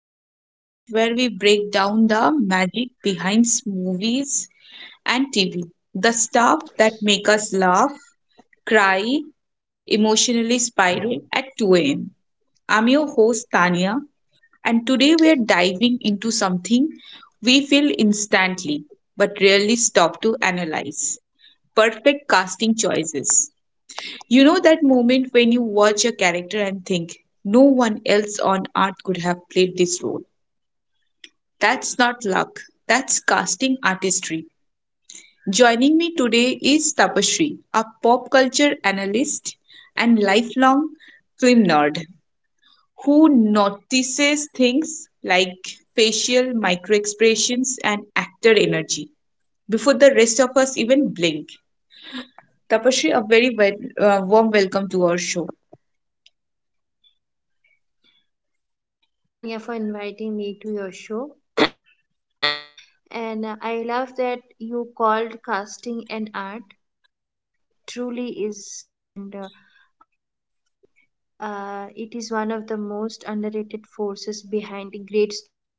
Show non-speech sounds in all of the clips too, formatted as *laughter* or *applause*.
the podcast where we break down the magic behind movies and TV, the stuff that make us laugh, cry, emotionally spiral at 2 a.m. I'm your host, Tania, and today we are diving into something we feel instantly but rarely stop to analyze perfect casting choices. You know that moment when you watch a character and think, no one else on earth could have played this role. That's not luck, that's casting artistry. Joining me today is Tapashri, a pop culture analyst and lifelong film nerd who notices things like facial microexpressions and actor energy before the rest of us even blink. Tapashri, a very warm welcome to our show. Yes, thank you, Tanya, for inviting me to your show. *clears throat* Thank you. And I love that you called casting an art because it truly is. And honestly, it is one of the most underrated forces behind a great story.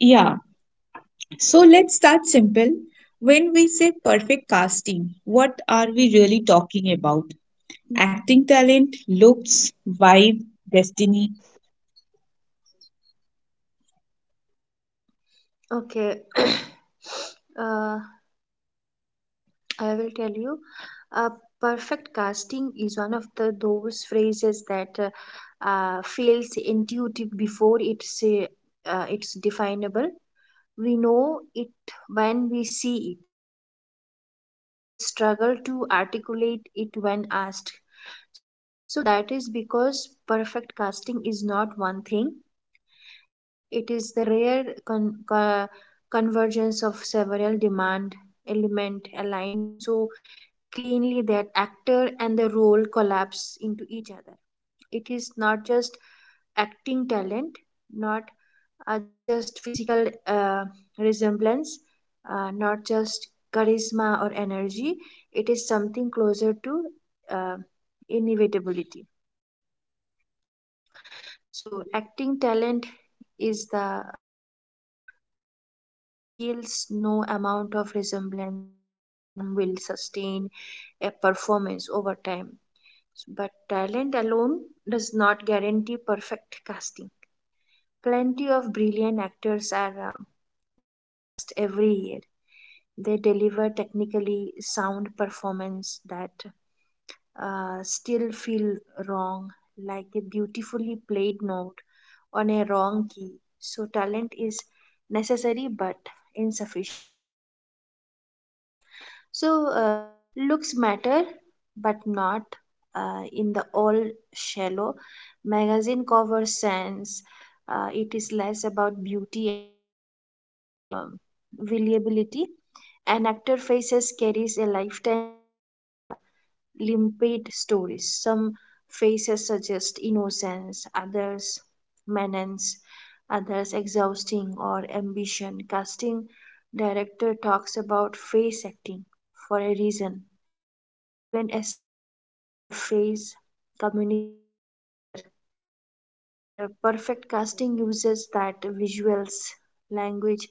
Yeah. So let's start simple. When we say perfect casting, what are we really talking about? Mhm. Acting talent, looks, vibe, destiny. Okay, *coughs* *clears throat* uh, I will tell you. Uh, Perfect casting is one of the those phrases that feels intuitive before it's definable. We know it when we see it, and we struggle to articulate it when asked. So that is because perfect casting is not one thing. It is the rare convergence of several demand element aligned so cleanly that actor and the role collapse into each other. It is not just acting talent, not are just physical resemblance, not just charisma or energy. It is something closer to uh, inevitability. So, acting talent is the baseline. Without skills, no amount of resemblance or charm will sustain a performance over time. But talent alone does not guarantee perfect casting. Plenty of brilliant actors are miscast every year. They deliver technically sound performance that still feel wrong, like a beautifully played note on a wrong key. So talent is necessary but insufficient. So looks matter, but not in the all shallow magazine cover sense. It is less about beauty and more about reliability, an actor faces carries a lifetime of limpid stories. Some faces suggest innocence, others menace, others exhausting or ambition. Casting director talks about face acting for a reason. Even a silence, a face communicates character, and perfect casting uses that visuals language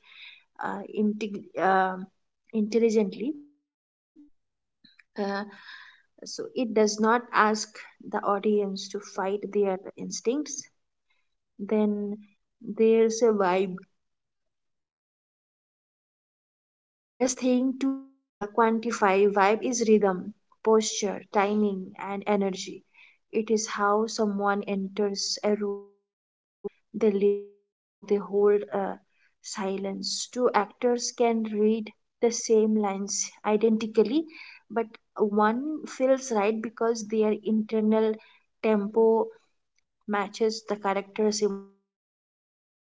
uh, integ- um intelligently. Uh, so it does not ask the audience to fight their instincts. Then there's a vibe. The hardest thing to quantify, vibe is rhythm, posture, timing, and energy. It is how someone enters a room, how they listen, how they hold a silence. Two actors can read the same lines identically, but one feels right because their internal tempo matches the character's emotional frequency.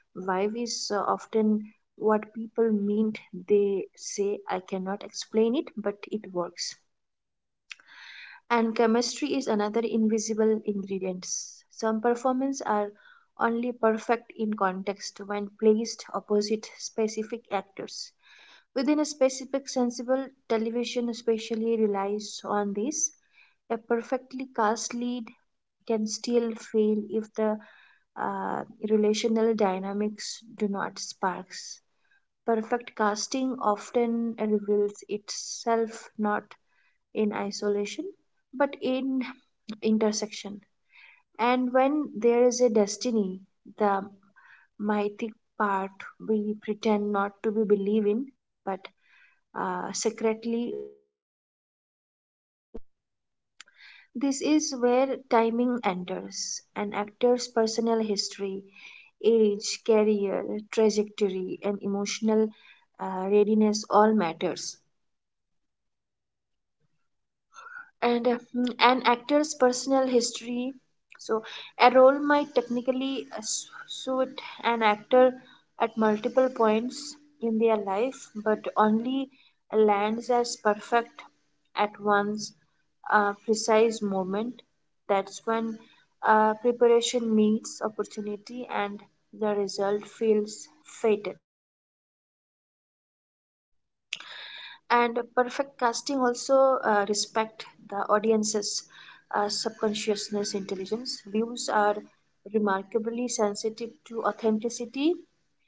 Vibe is often what people mean. They say, I cannot explain it, but it works. And chemistry is another invisible ingredient. Some performances are only perfect in context when placed opposite specific actors. Within a specific sensible television especially relies on this, a perfectly cast lead can still fail if the uh, relational dynamics do not spark. Perfect casting often reveals itself not in isolation but in intersection. And when there is a destiny, the mythic part we pretend not to be believe in but secretly do. This is where timing enters an actor's personal history, age, career, trajectory, and emotional readiness all matters. An actor's personal history. So, a role might technically suit an actor at multiple points in their life, but only lands as perfect at one's precise moment. That's when preparation meets opportunity and the result feels fated. And perfect casting also respect the audience's subconsciousness intelligence. Views are remarkably sensitive to authenticity.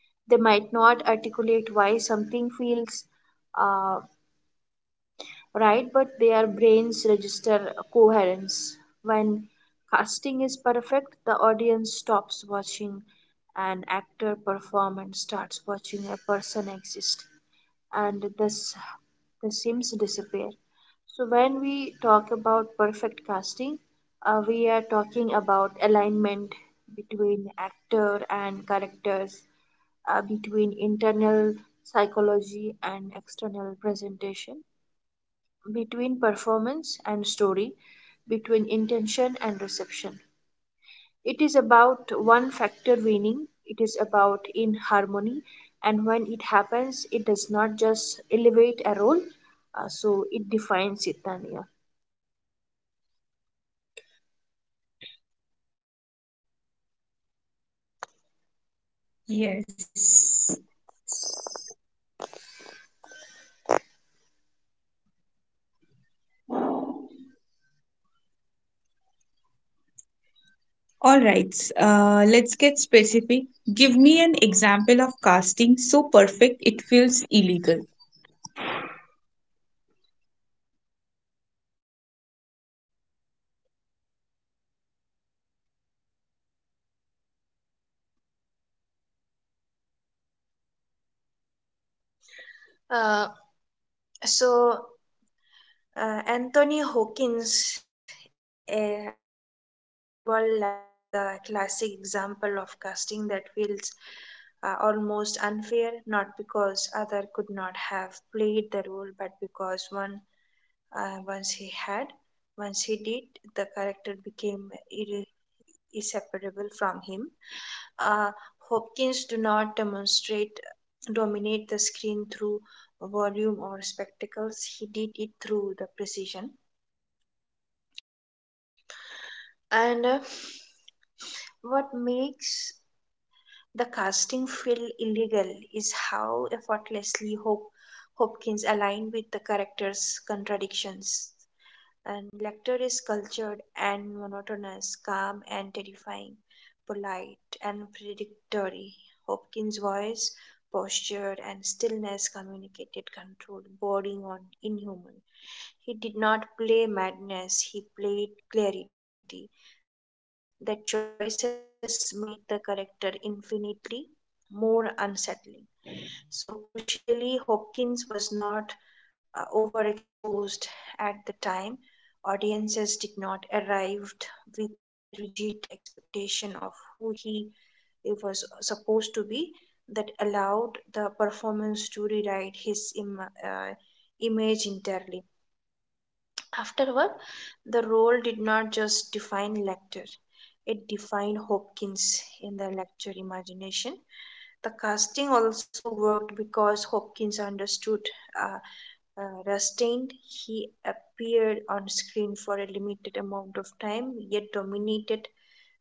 They might not articulate why something feels uh, right, but their brains register coherence. When casting is perfect, the audience stops watching an actor perform and starts watching a person exist, and the sims disappear. So, when we talk about perfect casting, we are talking about alignment between actor and characters, between internal psychology and external presentation, between performance and story, between intention and reception. It is about one factor winning, it is about in harmony, and when it happens, it does not just elevate a role, so it defines it, Tanya. Yes. All right, let's get specific. Give me an example of casting so perfect it feels illegal. Uh, so, Anthony Hawkins, a Hannibal actor, is the classic example of casting that feels almost unfair, not because other could not have played the role, but because one. Uh, once he had, once he did, the character became irre- inseparable from him. Uh, Hopkins do not demonstrate dominate the screen through volume or spectacles. He did it through the precision. And What makes the casting feel illegal is how effortlessly Hopkins aligned with the character's contradictions. And Lecter is cultured and monotonous, calm and terrifying, polite and predictory. Hopkins' voice, posture, and stillness communicated control, bordering on inhuman. He did not play madness, he played clarity. The choices made the character infinitely more unsettling. So, crucially, Hopkins was not overexposed at the time. Audiences did not arrive with a rigid expectation of who he was supposed to be. That allowed the performance to rewrite his uh, image entirely. Afterward, the role did not just define Lecter, it defined Hopkins in the Lecter imagination. The casting also worked because Hopkins understood uh, restraint. He appeared on screen for a limited amount of time, yet dominated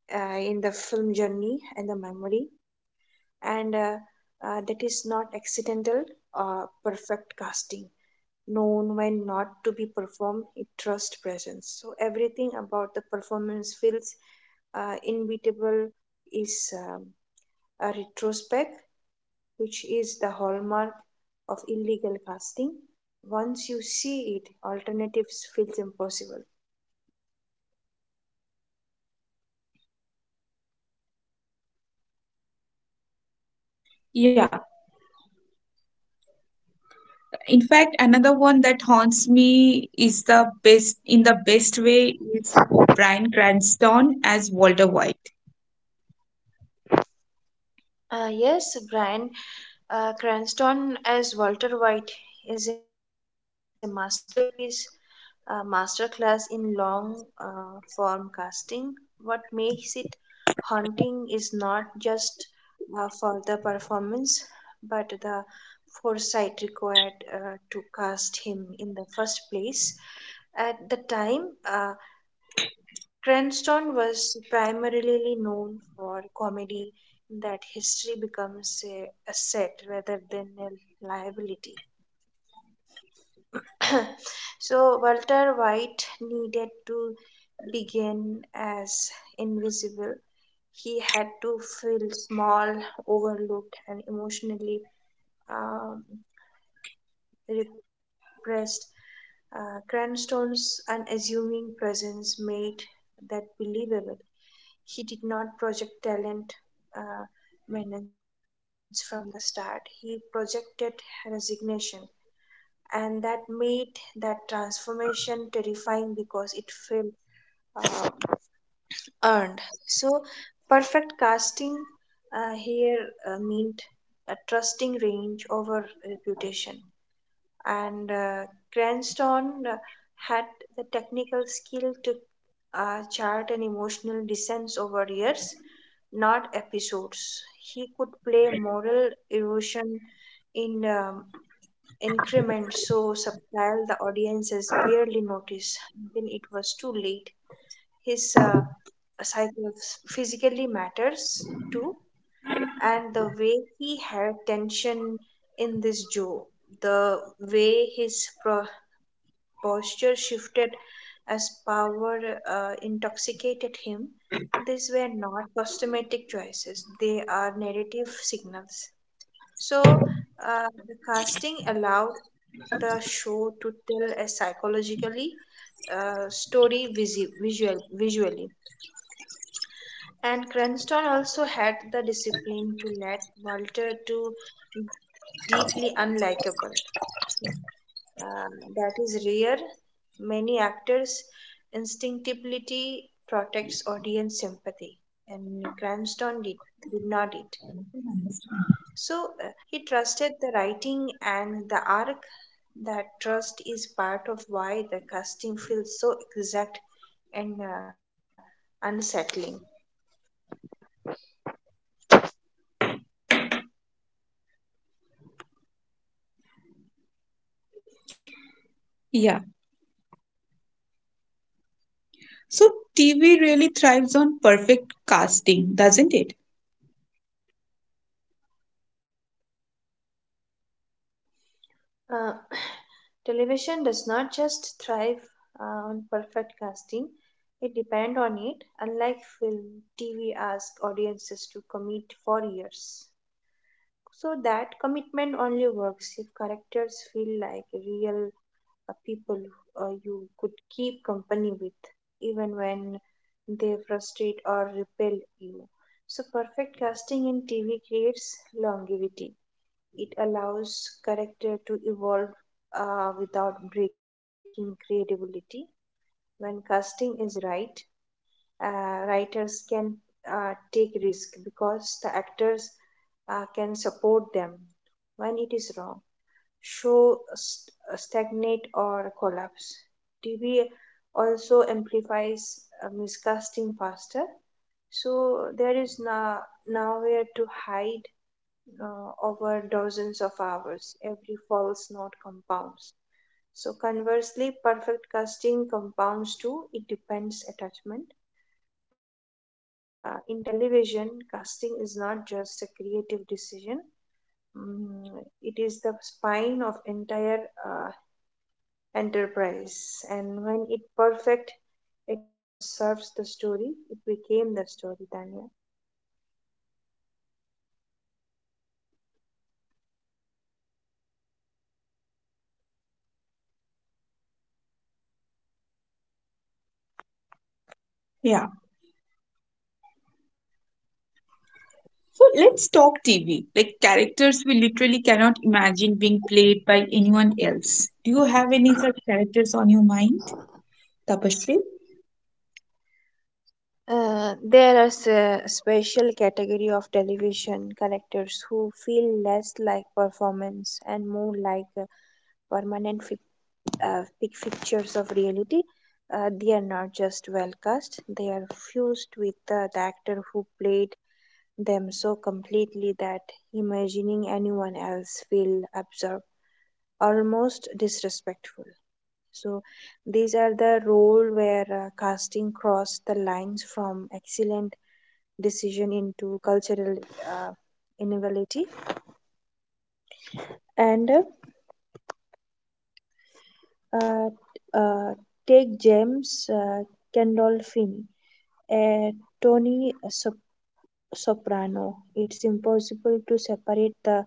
in the film journey and the memory. And that is not accidental. Perfect casting known when not to be performed, it trust presence so everything about the performance feels inevitable is a retrospect, which is the hallmark of illegal casting. Once you see it, alternatives feels impossible. Yeah. In fact, another one that haunts me is the best in the best way is Bryan Cranston as Walter White. Yes, Brian Cranston as Walter White is a masterpiece, a masterclass in long form casting. What makes it haunting is not just for the performance, but the foresight required to cast him in the first place. At the time, Cranston was primarily known for comedy. That history becomes a asset rather than a liability. *clears throat* So Walter White needed to begin as invisible. He had to feel small, overlooked, and emotionally um, repressed. Cranston's unassuming presence made that believable. He did not project talent uh, maintenance from the start. He projected resignation, and that made that transformation terrifying because it felt uh, earned. So, perfect casting here meant a trusting range over reputation, and Cranston had the technical skill to chart an emotional descent over years, not episodes. He could play moral erosion in increments so subtle the audiences barely noticed until it was too late. His psycho physically matters too, and the way he had tension in this jaw, the way his posture shifted as power intoxicated him, these were not cosmetic choices, they are narrative signals. So, the casting allowed the show to tell a psychologically story visually. And Cranston also had the discipline to let Walter too deeply unlikable. Uh, that is rare. Many actors instinctively protects audience sympathy, and Cranston did not it. So he trusted the writing and the arc. That trust is part of why the casting feels so exact and unsettling. Yeah. So TV really thrives on perfect casting, doesn't it? Uh, *sighs* television does not just thrive on perfect casting, it depends on it. Unlike film, TV asks audiences to commit for years. So that commitment only works if characters feel like real people you could keep company with, even when they frustrate or repel you. So perfect casting in TV creates longevity. It allows character to evolve without breaking creativity. When casting is right, writers can take risk because the actors can support them. When it is wrong, stagnate or collapse. TV also amplifies miscasting faster, so there is nowhere to hide over dozens of hours. Every false note compounds. So, conversely, perfect casting compounds too. It depends attachment. In television, casting is not just a creative decision. Mm, it is the spine of entire uh, enterprise, and when it perfect, it does not just serves the story; it became the story, Tanya. Yeah. So let's talk TV. Like characters we literally cannot imagine being played by anyone else. Do you have any such characters on your mind, Tapasri? There are a special category of television characters who feel less like performance and more like permanent big pictures of reality. They are not just well cast; they are fused with the actor who played them so completely that imagining anyone else feel absurd, almost disrespectful. So these are the role where casting cross the lines from excellent decision into cultural uh, innovativity and uh, uh, take James Gandolfini, a Tony Sop- Soprano. It's impossible to separate the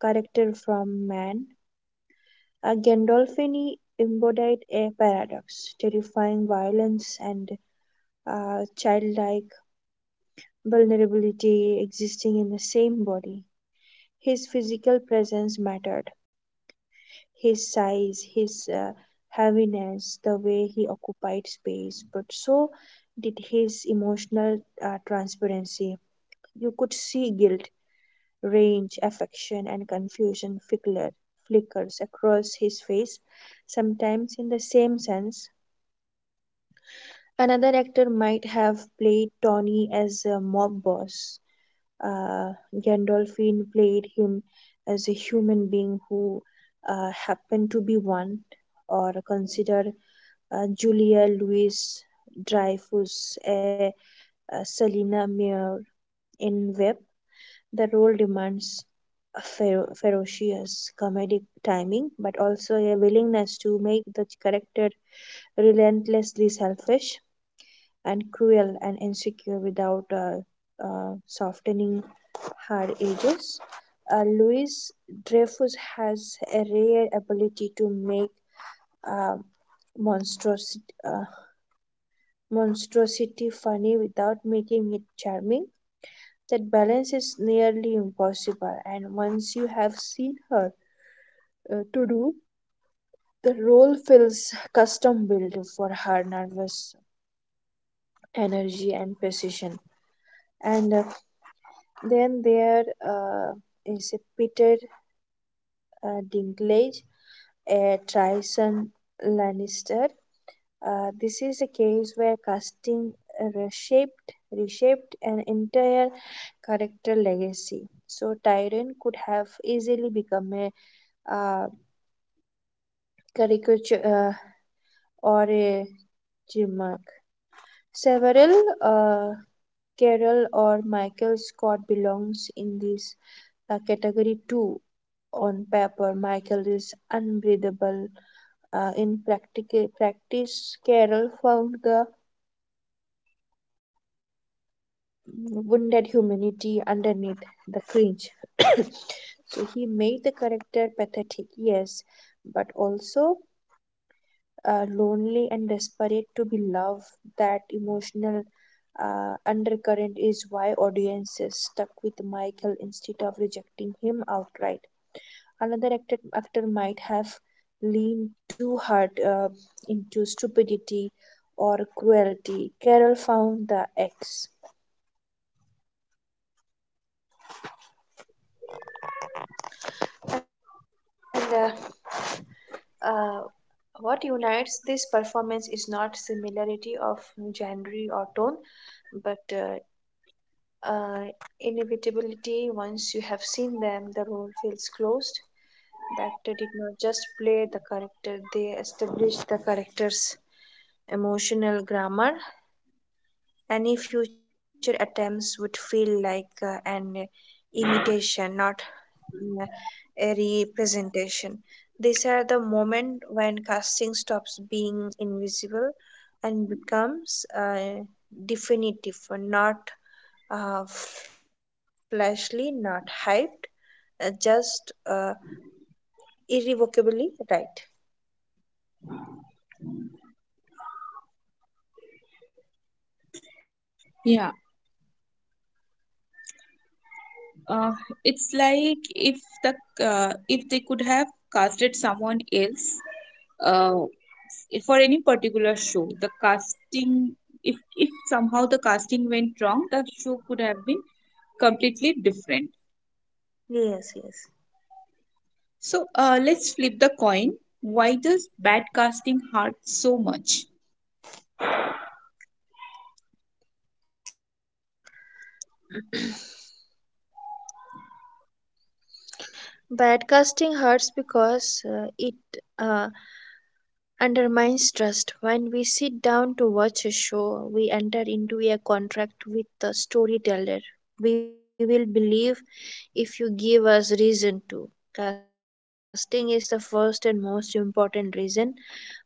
character from man. Gandolfini embodied a paradox, terrifying violence and childlike vulnerability existing in the same body. His physical presence mattered. His size, his heaviness, the way he occupied space, but so did his emotional transparency. You could see guilt, rage, affection, and confusion flickers across his face, sometimes in the same sense. Another actor might have played Tony as a mob boss. Gandolfini played him as a human being who happened to be one. Or consider Julia Louis Dreyfus, a Selena Meyer in Web. The role demands a ferocious comedic timing, but also a willingness to make the character relentlessly selfish and cruel and insecure without softening her edges. Louis Dreyfus has a rare ability to make um monstrosity, monstrosity funny without making it charming. That balance is nearly impossible, and once you have seen her uh, to do, the role feels custom built for her nervous energy and precision. And Then there is a Peter Dinklage, a Tyson Lannister. This is a case where casting reshaped an entire character legacy. So Tyrion could have easily become a uh, caricature or a gimmick. Several uh, Carol or Michael Scott belongs in this category 2. On paper michael is unbreathable, practice Carol found the wounded humanity underneath the cringe. *coughs* So he made the character pathetic, yes, but also lonely and desperate to be loved. That emotional undercurrent is why audiences stuck with michael instead of rejecting him outright. Another actor might have leaned too hard into stupidity or cruelty. Carol found the X. And uh, uh, what unites this performance is not similarity of genre or tone, but uh, inevitability. Once you have seen them, the role feels closed. The actor did not just play the character, they established the character's emotional grammar. Any future attempts would feel like an imitation, not mm, a representation. These are the moment when casting stops being invisible and becomes definitive, not fleshly, not hyped, just irrevocably right. Yeah, uh, it's like if the if they could have casted someone else uh, for any particular show, the casting, if somehow the casting went wrong, the show could have been completely different. Yes, yes. So let's flip the coin. Why does bad casting hurt so much? Broadcasting hurts because it uh, undermines trust. When we sit down to watch a show, we enter into a contract with the storyteller. We will believe if you give us reason to. Casting is the first and most important reason.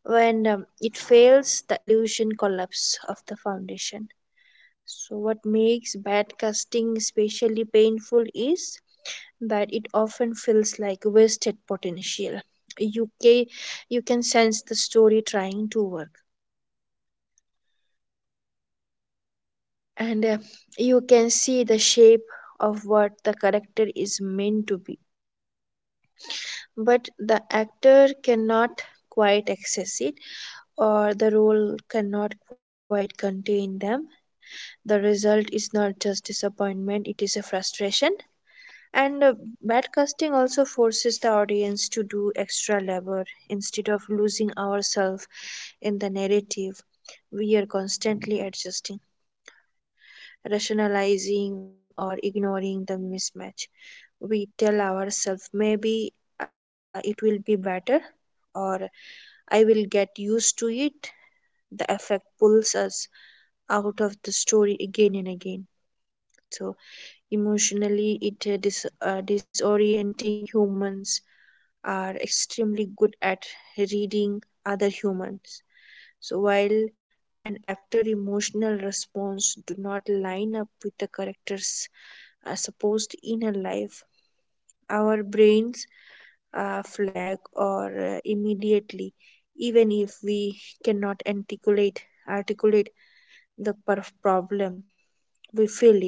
When it fails, the illusion collapse of the foundation. So, what makes bad casting especially painful is but it often feels like wasted potential. You can, you can sense the story trying to work, and you can see the shape of what the character is meant to be. But the actor cannot quite access it, or the role cannot quite contain them. The result is not just disappointment, it is a frustration. And Badcasting also forces the audience to do extra labor instead of losing ourselves in the narrative. We are constantly adjusting, rationalizing, or ignoring the mismatch. We tell ourselves maybe it will be better or I will get used to it. The effect pulls us out of the story again and again. So, emotionally, it dis- disorienting. Humans are extremely good at reading other humans. So while an actor emotional response do not line up with the character's supposed inner life, our brains flag or immediately, even if we cannot articulate the problem, we feel it,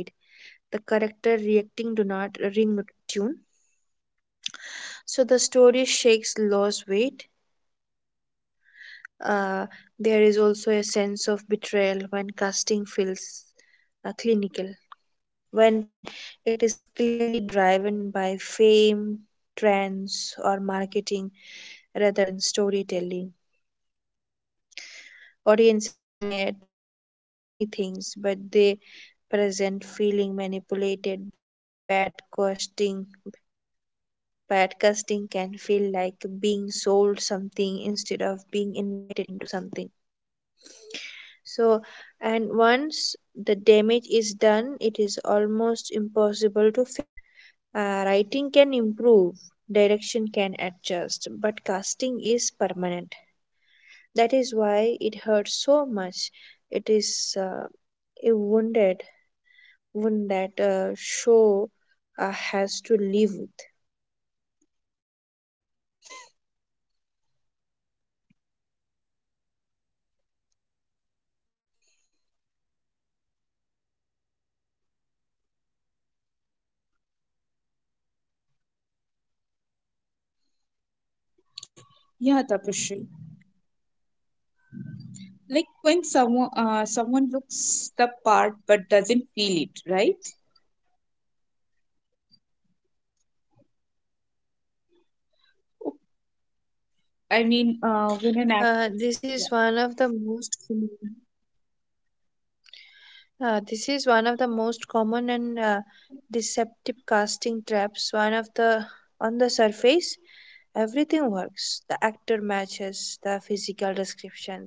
the character reacting do not ring tune. So the story shakes Law's weight. Uh, there is also a sense of betrayal when casting feels clinical, when it is clearly driven by fame, trends, or marketing rather than storytelling. Audiences may tolerate many things, but they present feeling manipulated, bad, costing, podcasting can feel like being sold something instead of being invited into something. So, and once the damage is done, it is almost impossible to fix. Writing can improve, direction can adjust, but casting is permanent. That is why it hurts so much. It is a wound that show has to live with. Yeah, Tapashri. Like when someone looks the part but doesn't feel it, right? O- I mean, Uh, when this an actor. is one of the Yeah. most common this is one of the most common and deceptive casting traps. One of the on the surface, everything works. The actor matches the physical description.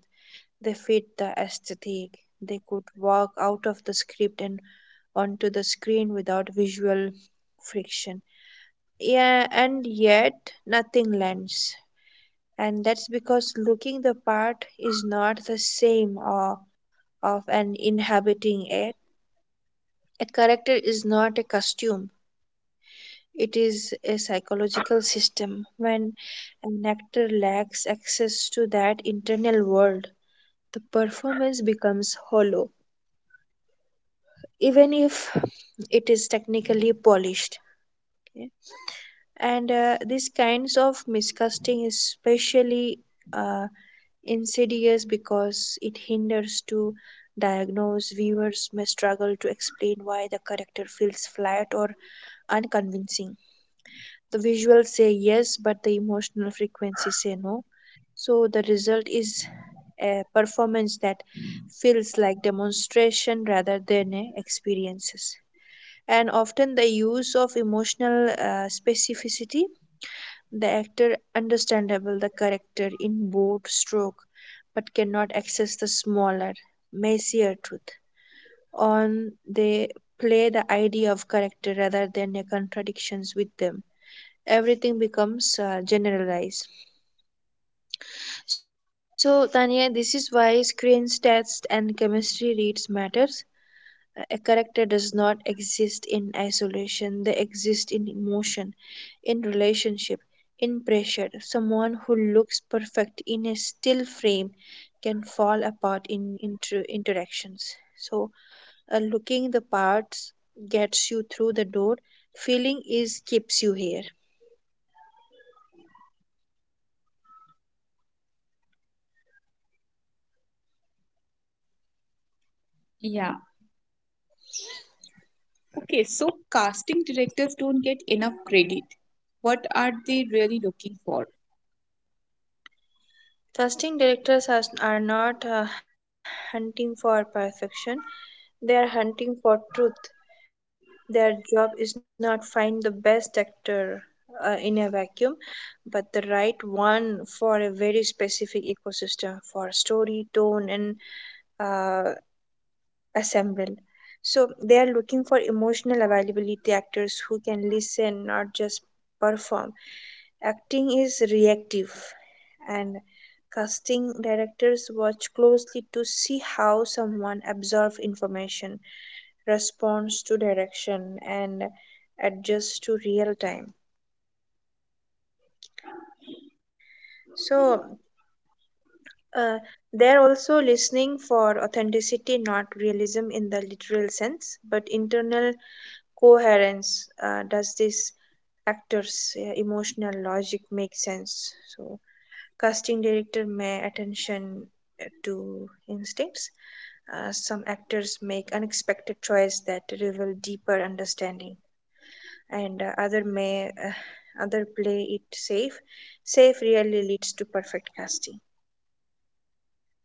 They fit the aesthetic. They could walk out of the script and onto the screen without visual friction. Yeah, and yet nothing lands. And that's because looking the part is not the same or of an inhabiting it. A character is not a costume, it is a psychological system. When an actor lacks access to that internal world, the performance becomes hollow, even if it is technically polished. Okay? And These kinds of miscasting is especially uh, insidious because it hinders to diagnose. Viewers may struggle to explain why the character feels flat or unconvincing. The visuals say yes, but the emotional frequencies say no. So the result is a performance that feels like demonstration rather than a experiences. And often the use of emotional specificity, the actor understandable the character in bold stroke, but cannot access the smaller, messier truth. On they play the idea of character rather than the contradictions with them, everything becomes generalized. So, Tanya, this is why screens, tests, and chemistry reads matters. A character does not exist in isolation, they exist in emotion, in relationship, in pressure. Someone who looks perfect in a still frame can fall apart in interactions. So, looking the parts gets you through the door, feeling is keeps you here. Yeah. Okay, so casting directors don't get enough credit. What are they really looking for? Casting directors are not hunting for perfection, they are hunting for truth. Their job is not find the best actor in a vacuum, but the right one for a very specific ecosystem, for story, tone, and uh, assemble. So they are looking for emotional availability actors who can listen, not just perform. Acting is reactive, and casting directors watch closely to see how someone absorbs information, responds to direction, and adjusts to real time. So uh, they are also listening for authenticity, not realism in the literal sense, but internal coherence. Does this actor's emotional logic make sense? So casting director may attention to instincts. Some actors make unexpected choice that reveal deeper understanding, and other play it safe. Safe really leads to perfect casting.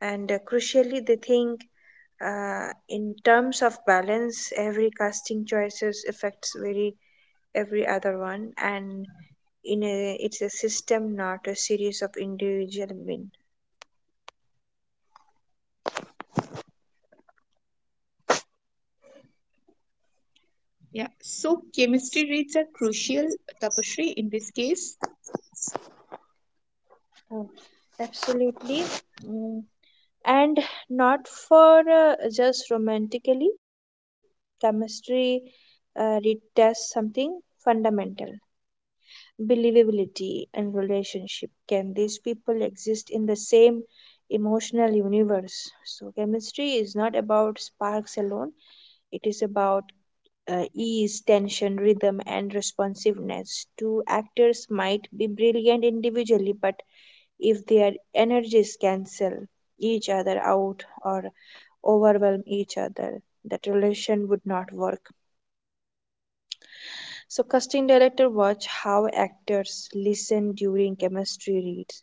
And crucially they think in terms of balance. Every casting choices affects very every other one, and in a it's a system, not a series of individual win. Yeah. So chemistry reads are crucial, Tapashri, in this case. Oh, absolutely. Mm, and not for just romantically chemistry retests something fundamental, believability and relationship. Can these people exist in the same emotional universe? So chemistry is not about sparks alone, it is about ease, tension, rhythm, and responsiveness. Two actors might be brilliant individually, but if their energies cancel each other out or overwhelm each other, that relation would not work. So, casting director watch how actors listen during chemistry reads.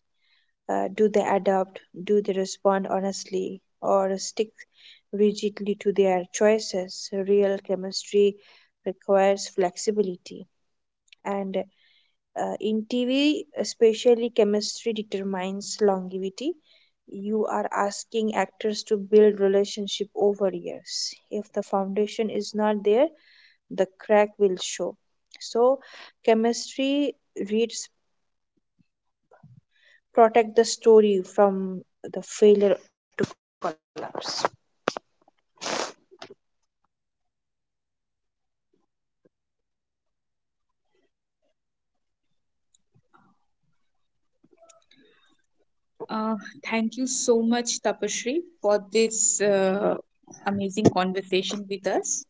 Do they adapt? Do they respond honestly or stick rigidly to their choices? Real chemistry requires flexibility, and in TV, especially chemistry determines longevity. You are asking actors to build relationship over years. If the foundation is not there, the crack will show. So, chemistry reads protect the story from the failure to collapse. Uh, Thank you so much, Tapashri, for this amazing conversation with us.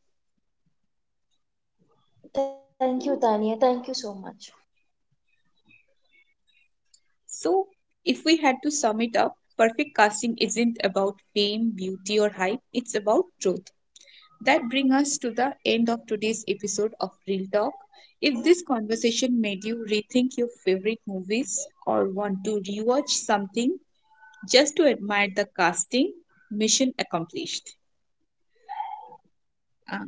Thank you, Tanya. Thank you so much. So, if we had to sum it up, perfect casting isn't about fame, beauty, or hype, it's about truth. That brings us to the end of today's episode of Real Talk. If this conversation made you rethink your favorite movies or want to rewatch something just to admire the casting, mission accomplished. Uh,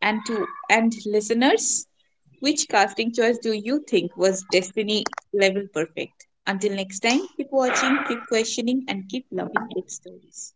and listeners, which casting choice do you think was destiny level perfect? Until next time, keep watching, keep questioning, and keep loving Cape Stories.